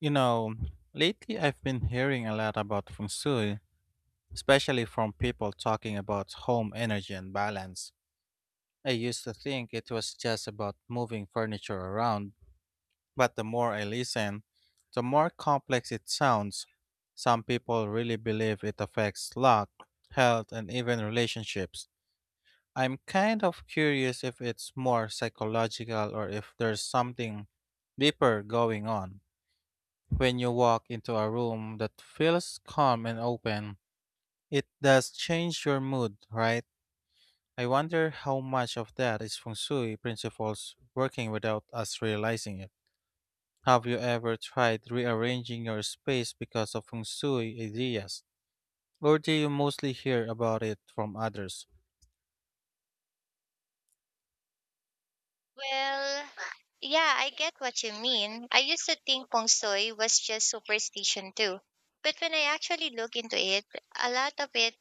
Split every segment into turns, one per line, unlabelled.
You know, lately I've been hearing a lot about feng shui, especially from people talking about home energy and balance. I used to think it was just about moving furniture around, but the more I listen, the more complex it sounds. Some people really believe it affects luck, health, and even relationships. I'm kind of curious if it's more psychological or if there's something deeper going on. When you walk into a room that feels calm and open, it does change your mood, right? I wonder how much of that is feng shui principles working without us realizing it. Have you ever tried rearranging your space because of feng shui ideas? Or do you mostly hear about it from others?
Well, yeah, I get what you mean. I used to think feng shui was just superstition too. But when I actually look into it, a lot of it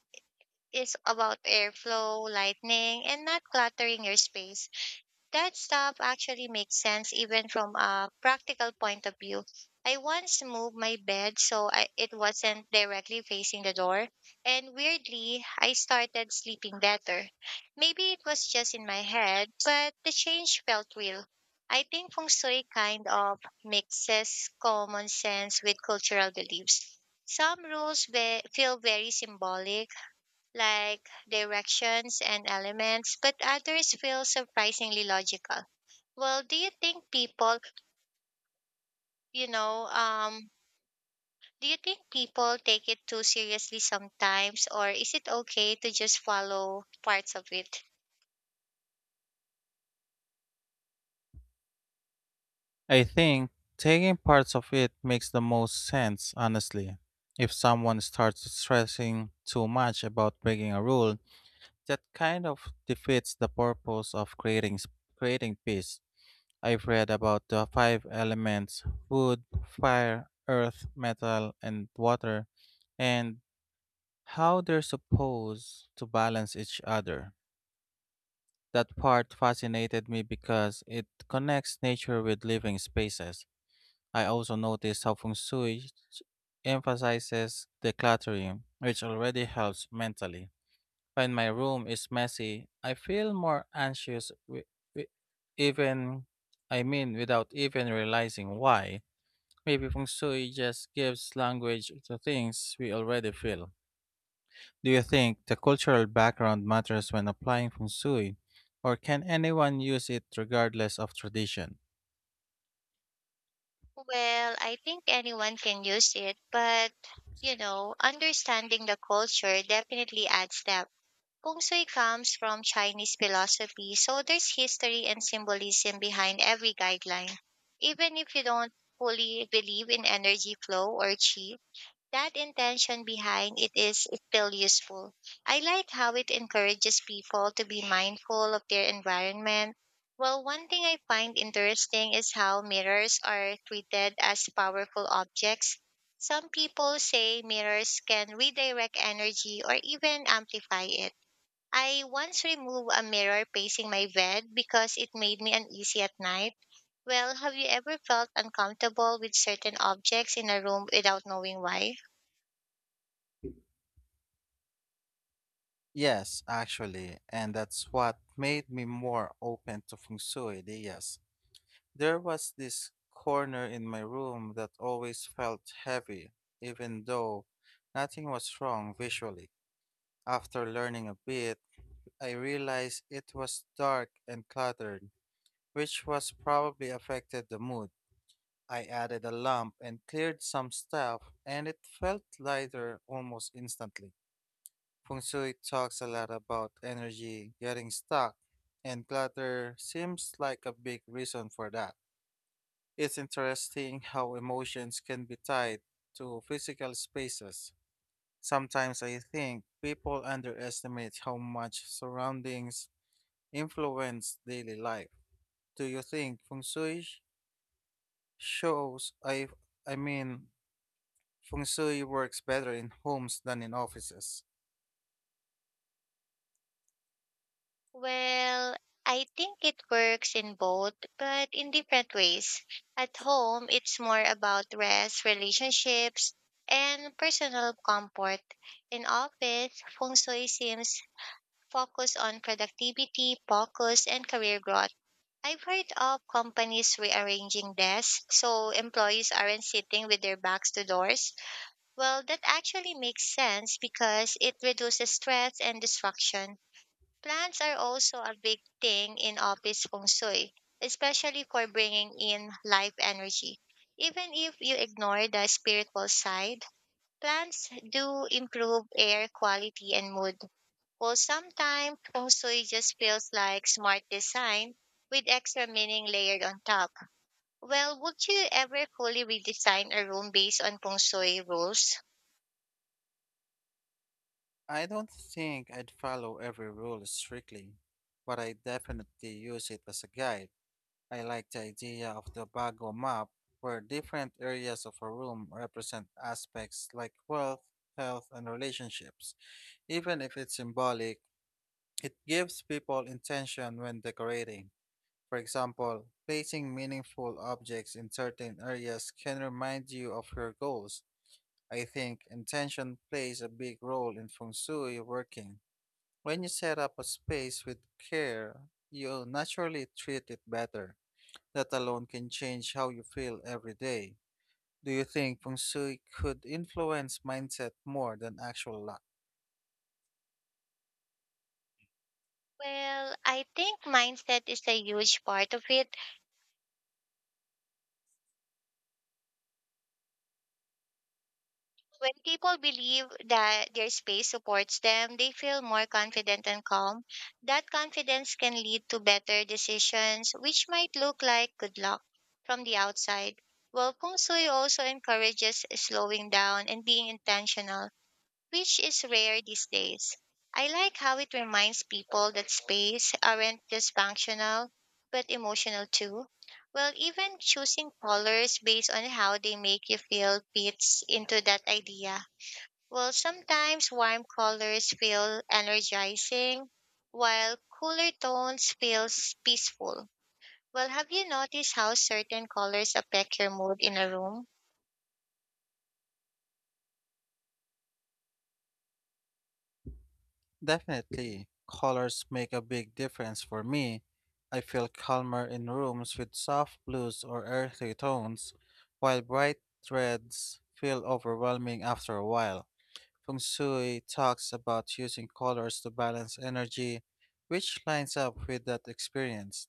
is about airflow, lightning, and not cluttering your space. That stuff actually makes sense even from a practical point of view. I once moved my bed so it wasn't directly facing the door, and weirdly, I started sleeping better. Maybe it was just in my head, but the change felt real. I think feng shui kind of mixes common sense with cultural beliefs. Some rules feel very symbolic, like directions and elements, but others feel surprisingly logical. Well, do you think people, you know, um, do you think people take it too seriously sometimes, or is it okay to just follow parts of it?
I think taking parts of it makes the most sense, honestly. If someone starts stressing too much about breaking a rule, that kind of defeats the purpose of creating peace. I've read about the five elements: wood, fire, earth, metal, and water, and how they're supposed to balance each other. That part fascinated me because it connects nature with living spaces. I also noticed how feng shui emphasizes decluttering, which already helps mentally. When my room is messy, I feel more anxious wi- wi- even I mean without even realizing why. Maybe feng shui just gives language to things we already feel. Do you think the cultural background matters when applying feng shui, or can anyone use it regardless of tradition?
Well, I think anyone can use it, but, understanding the culture definitely adds depth. Feng Shui comes from Chinese philosophy, so there's history and symbolism behind every guideline. Even if you don't fully believe in energy flow or qi, that intention behind it is still useful. I like how it encourages people to be mindful of their environment. Well, one thing I find interesting is how mirrors are treated as powerful objects. Some people say mirrors can redirect energy or even amplify it. I once removed a mirror facing my bed because it made me uneasy at night. Well, have you ever felt uncomfortable with certain objects in a room without knowing why?
Yes, actually, and that's what made me more open to feng shui ideas. There was this corner in my room that always felt heavy, even though nothing was wrong visually. After learning a bit, I realized it was dark and cluttered, which was probably affected the mood. I added a lamp and cleared some stuff, and it felt lighter almost instantly. Feng Shui talks a lot about energy getting stuck, and clutter seems like a big reason for that. It's interesting how emotions can be tied to physical spaces. Sometimes I think people underestimate how much surroundings influence daily life. Do you think feng shui sh- shows I mean feng shui works better in homes than in offices?
Well, I think it works in both, but in different ways. At home, it's more about rest, relationships, and personal comfort. In office, feng shui seems focused on productivity, focus, and career growth. I've heard of companies rearranging desks so employees aren't sitting with their backs to doors. Well, that actually makes sense because it reduces stress and distraction. Plants are also a big thing in office feng shui, especially for bringing in life energy. Even if you ignore the spiritual side, plants do improve air quality and mood. Well, sometimes feng shui just feels like smart design with extra meaning layered on top. Well, would you ever fully redesign a room based on feng shui rules?
I don't think I'd follow every rule strictly, but I definitely use it as a guide. I like the idea of the Bago map, where different areas of a room represent aspects like wealth, health, and relationships. Even if it's symbolic, it gives people intention when decorating. For example, placing meaningful objects in certain areas can remind you of your goals. I think intention plays a big role in feng shui working. When you set up a space with care, you naturally treat it better. That alone can change how you feel every day. Do you think feng shui could influence mindset more than actual luck?
Well, I think mindset is a huge part of it. When people believe that their space supports them, they feel more confident and calm. That confidence can lead to better decisions, which might look like good luck from the outside. Well, Feng Shui also encourages slowing down and being intentional, which is rare these days. I like how it reminds people that space aren't just functional, but emotional too. Well, even choosing colors based on how they make you feel fits into that idea. Well, sometimes warm colors feel energizing, while cooler tones feel peaceful. Well, have you noticed how certain colors affect your mood in a room?
Definitely. Colors make a big difference for me. I feel calmer in rooms with soft blues or earthy tones, while bright reds feel overwhelming after a while. Feng Shui talks about using colors to balance energy, which lines up with that experience.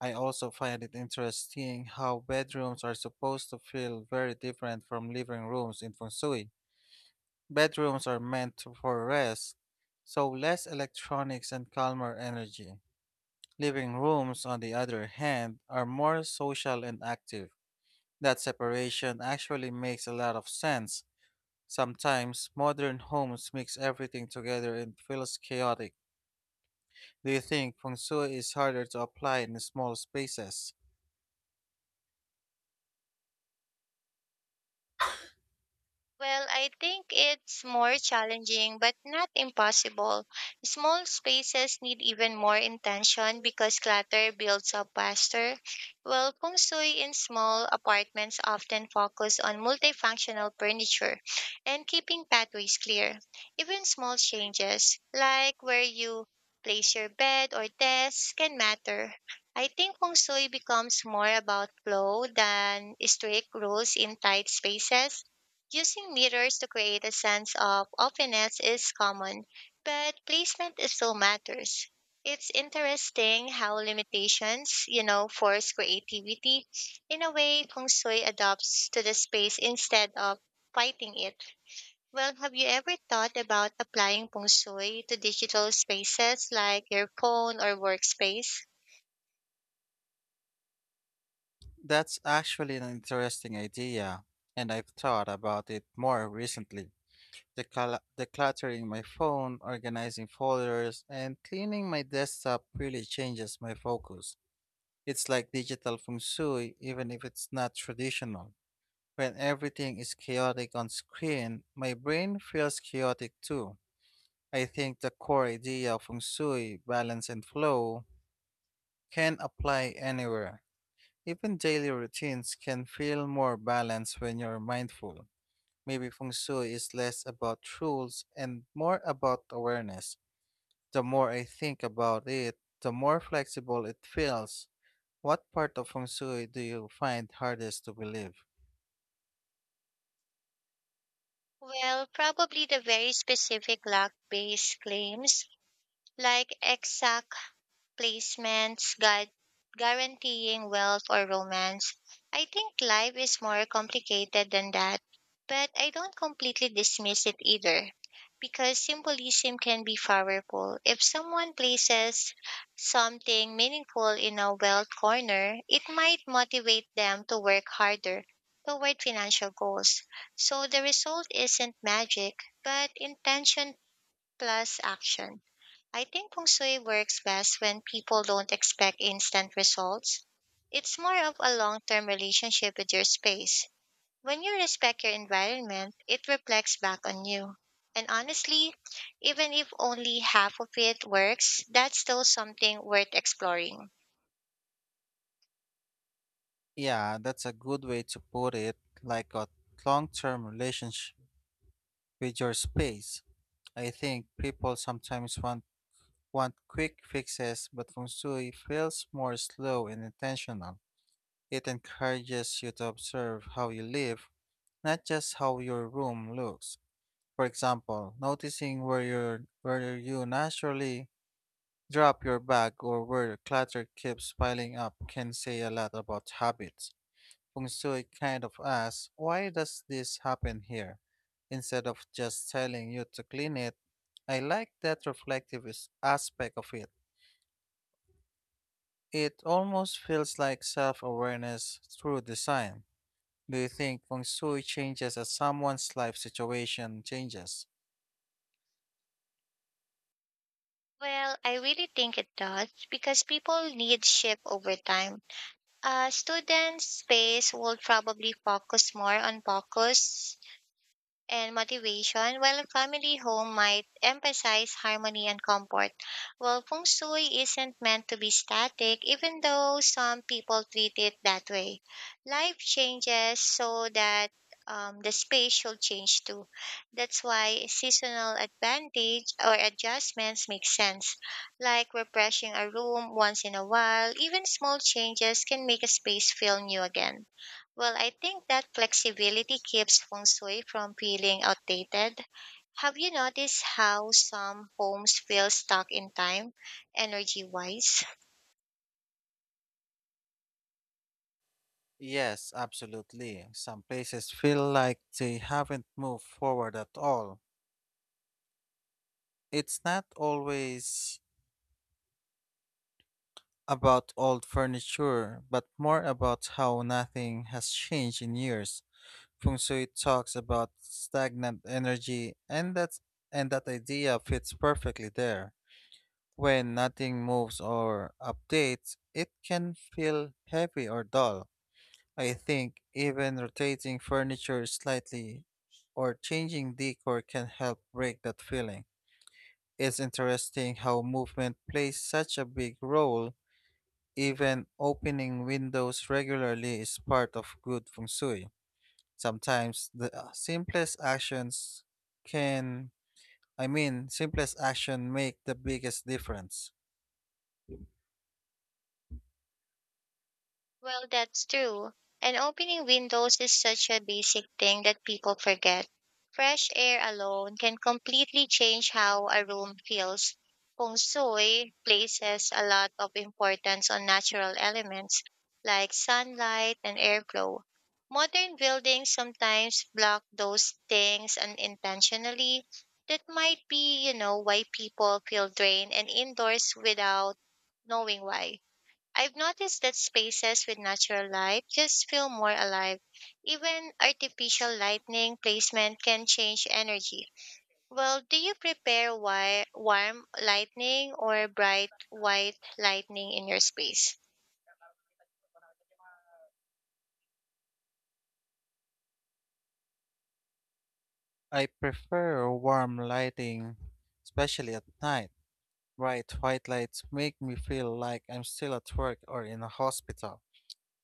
I also find it interesting how bedrooms are supposed to feel very different from living rooms in feng shui. Bedrooms are for rest, so less electronics and calmer energy. Living rooms, on the other hand, are more social and active. That separation actually makes a lot of sense. Sometimes modern homes mix everything together and feels chaotic. Do you think feng shui is harder to apply in small spaces?
Well, I think it's more challenging, but not impossible. Small spaces need even more intention because clutter builds up faster. While feng shui in small apartments often focus on multifunctional furniture and keeping pathways clear. Even small changes, like where you place your bed or desk, can matter. I think feng shui becomes more about flow than strict rules in tight spaces. Using mirrors to create a sense of openness is common, but placement still matters. It's interesting how limitations, you know, force creativity. In a way, feng shui adapts to the space instead of fighting it. Well, have you ever thought about applying feng shui to digital spaces like your phone or workspace?
That's actually an interesting idea, and I've thought about it more recently. Decluttering my phone, organizing folders, and cleaning my desktop really changes my focus. It's like digital feng shui, even if it's not traditional. When everything is chaotic on screen, my brain feels chaotic too. I think the core idea of feng shui, balance and flow, can apply anywhere. Even daily routines can feel more balanced when you're mindful. Maybe feng shui is less about rules and more about awareness. The more I think about it, the more flexible it feels. What part of feng shui do you find hardest to believe?
Well, probably the very specific luck-based claims like exact placements, guaranteeing wealth or romance. I think life is more complicated than that, but I don't completely dismiss it either. Because symbolism can be powerful. If someone places something meaningful in a wealth corner, it might motivate them to work harder toward financial goals. So the result isn't magic, but intention plus action. I think feng shui works best when people don't expect instant results. It's more of a long term relationship with your space. When you respect your environment, it reflects back on you. And honestly, even if only half of it works, that's still something worth exploring.
Yeah, that's a good way to put it, like a long-term relationship with your space. I think people sometimes want quick fixes, but feng shui feels more slow and intentional. It encourages you to observe how you live, not just how your room looks. For example, noticing where you naturally drop your bag or where clutter keeps piling up can say a lot about habits. Feng Shui kind of asks, why does this happen here? Instead of just telling you to clean it, I like that aspect of it. It almost feels like self awareness through design. Do you think feng shui changes as someone's life situation changes?
Well, I really think it does because people need shift over time. Students' space will probably focus more on focus and motivation, while a family home might emphasize harmony and comfort. Well, feng shui isn't meant to be static, even though some people treat it that way. Life changes so that the space should change too. That's why seasonal advantage or adjustments make sense, like refreshing a room once in a while. Even small changes can make a space feel new again. Well, I think that flexibility keeps feng shui from feeling outdated. Have you noticed how some homes feel stuck in time, energy wise?
Yes, absolutely. Some places feel like they haven't moved forward at all. It's not always about old furniture, but more about how nothing has changed in years. Feng shui talks about stagnant energy, and that idea fits perfectly there. When nothing moves or updates, it can feel heavy or dull. I think even rotating furniture slightly or changing decor can help break that feeling. It's interesting how movement plays such a big role. Even opening windows regularly is part of good feng shui. Sometimes the simplest can, I mean, simplest action make the biggest difference.
Well, that's true. And opening windows is such a basic thing that people forget. Fresh air alone can completely change how a room feels. Feng Shui places a lot of importance on natural elements like sunlight and airflow. Modern buildings sometimes block those things unintentionally. That might be, you know, why people feel drained and indoors without knowing why. I've noticed that spaces with natural light just feel more alive. Even artificial lighting placement can change energy. Well, do you prepare warm lighting or bright white lighting in your space?
I prefer warm lighting, especially at night. Bright white lights make me feel like I'm still at work or in a hospital.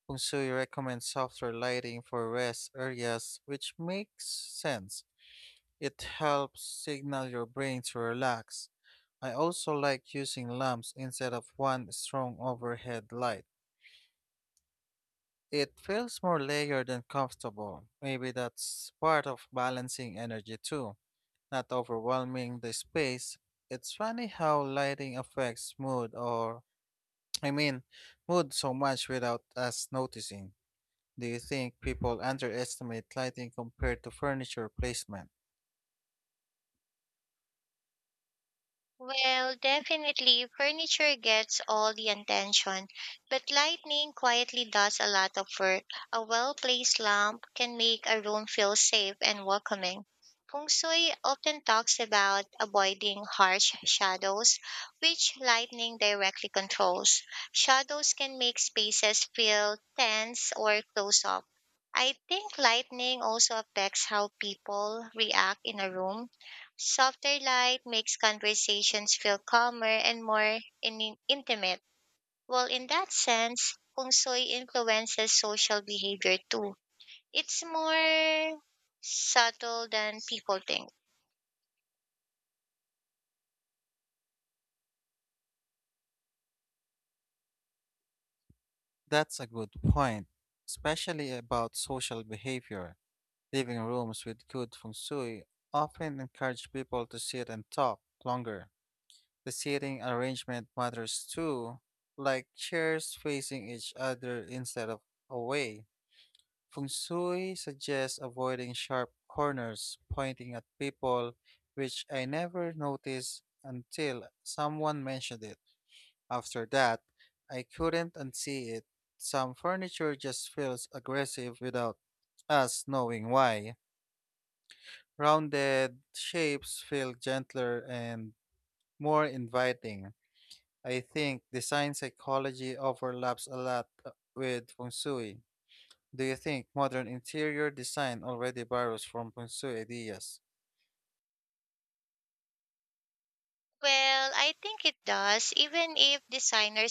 Kung Sui recommends softer lighting for rest areas, which makes sense. It helps signal your brain to relax. I also like using lamps instead of one strong overhead light. It feels more layered and comfortable. Maybe that's part of balancing energy too, not overwhelming the space. It's funny how lighting affects mood or I mean, moved so much without us noticing. Do you think people underestimate lighting compared to furniture placement?
Well, definitely, furniture gets all the attention, but lighting quietly does a lot of work. A well placed lamp can make a room feel safe and welcoming. Feng Shui often talks about avoiding harsh shadows, which lightning directly controls. Shadows can make spaces feel tense or close up. I think lightning also affects how people react in a room. Softer light makes conversations feel calmer and more intimate. Well, in that sense, feng shui influences social behavior too. It's more subtle than people think.
That's a good point, especially about social behavior. Living rooms with good feng shui often encourage people to sit and talk longer. The seating arrangement matters too, like chairs facing each other instead of away. Feng Shui suggests avoiding sharp corners pointing at people, which I never noticed until someone mentioned it. After that, I couldn't unsee it. Some furniture just feels aggressive without us knowing why. Rounded shapes feel gentler and more inviting. I think design psychology overlaps a lot with feng shui. Do you think modern interior design already borrows from feng shui ideas?
Well, I think it does, even if designers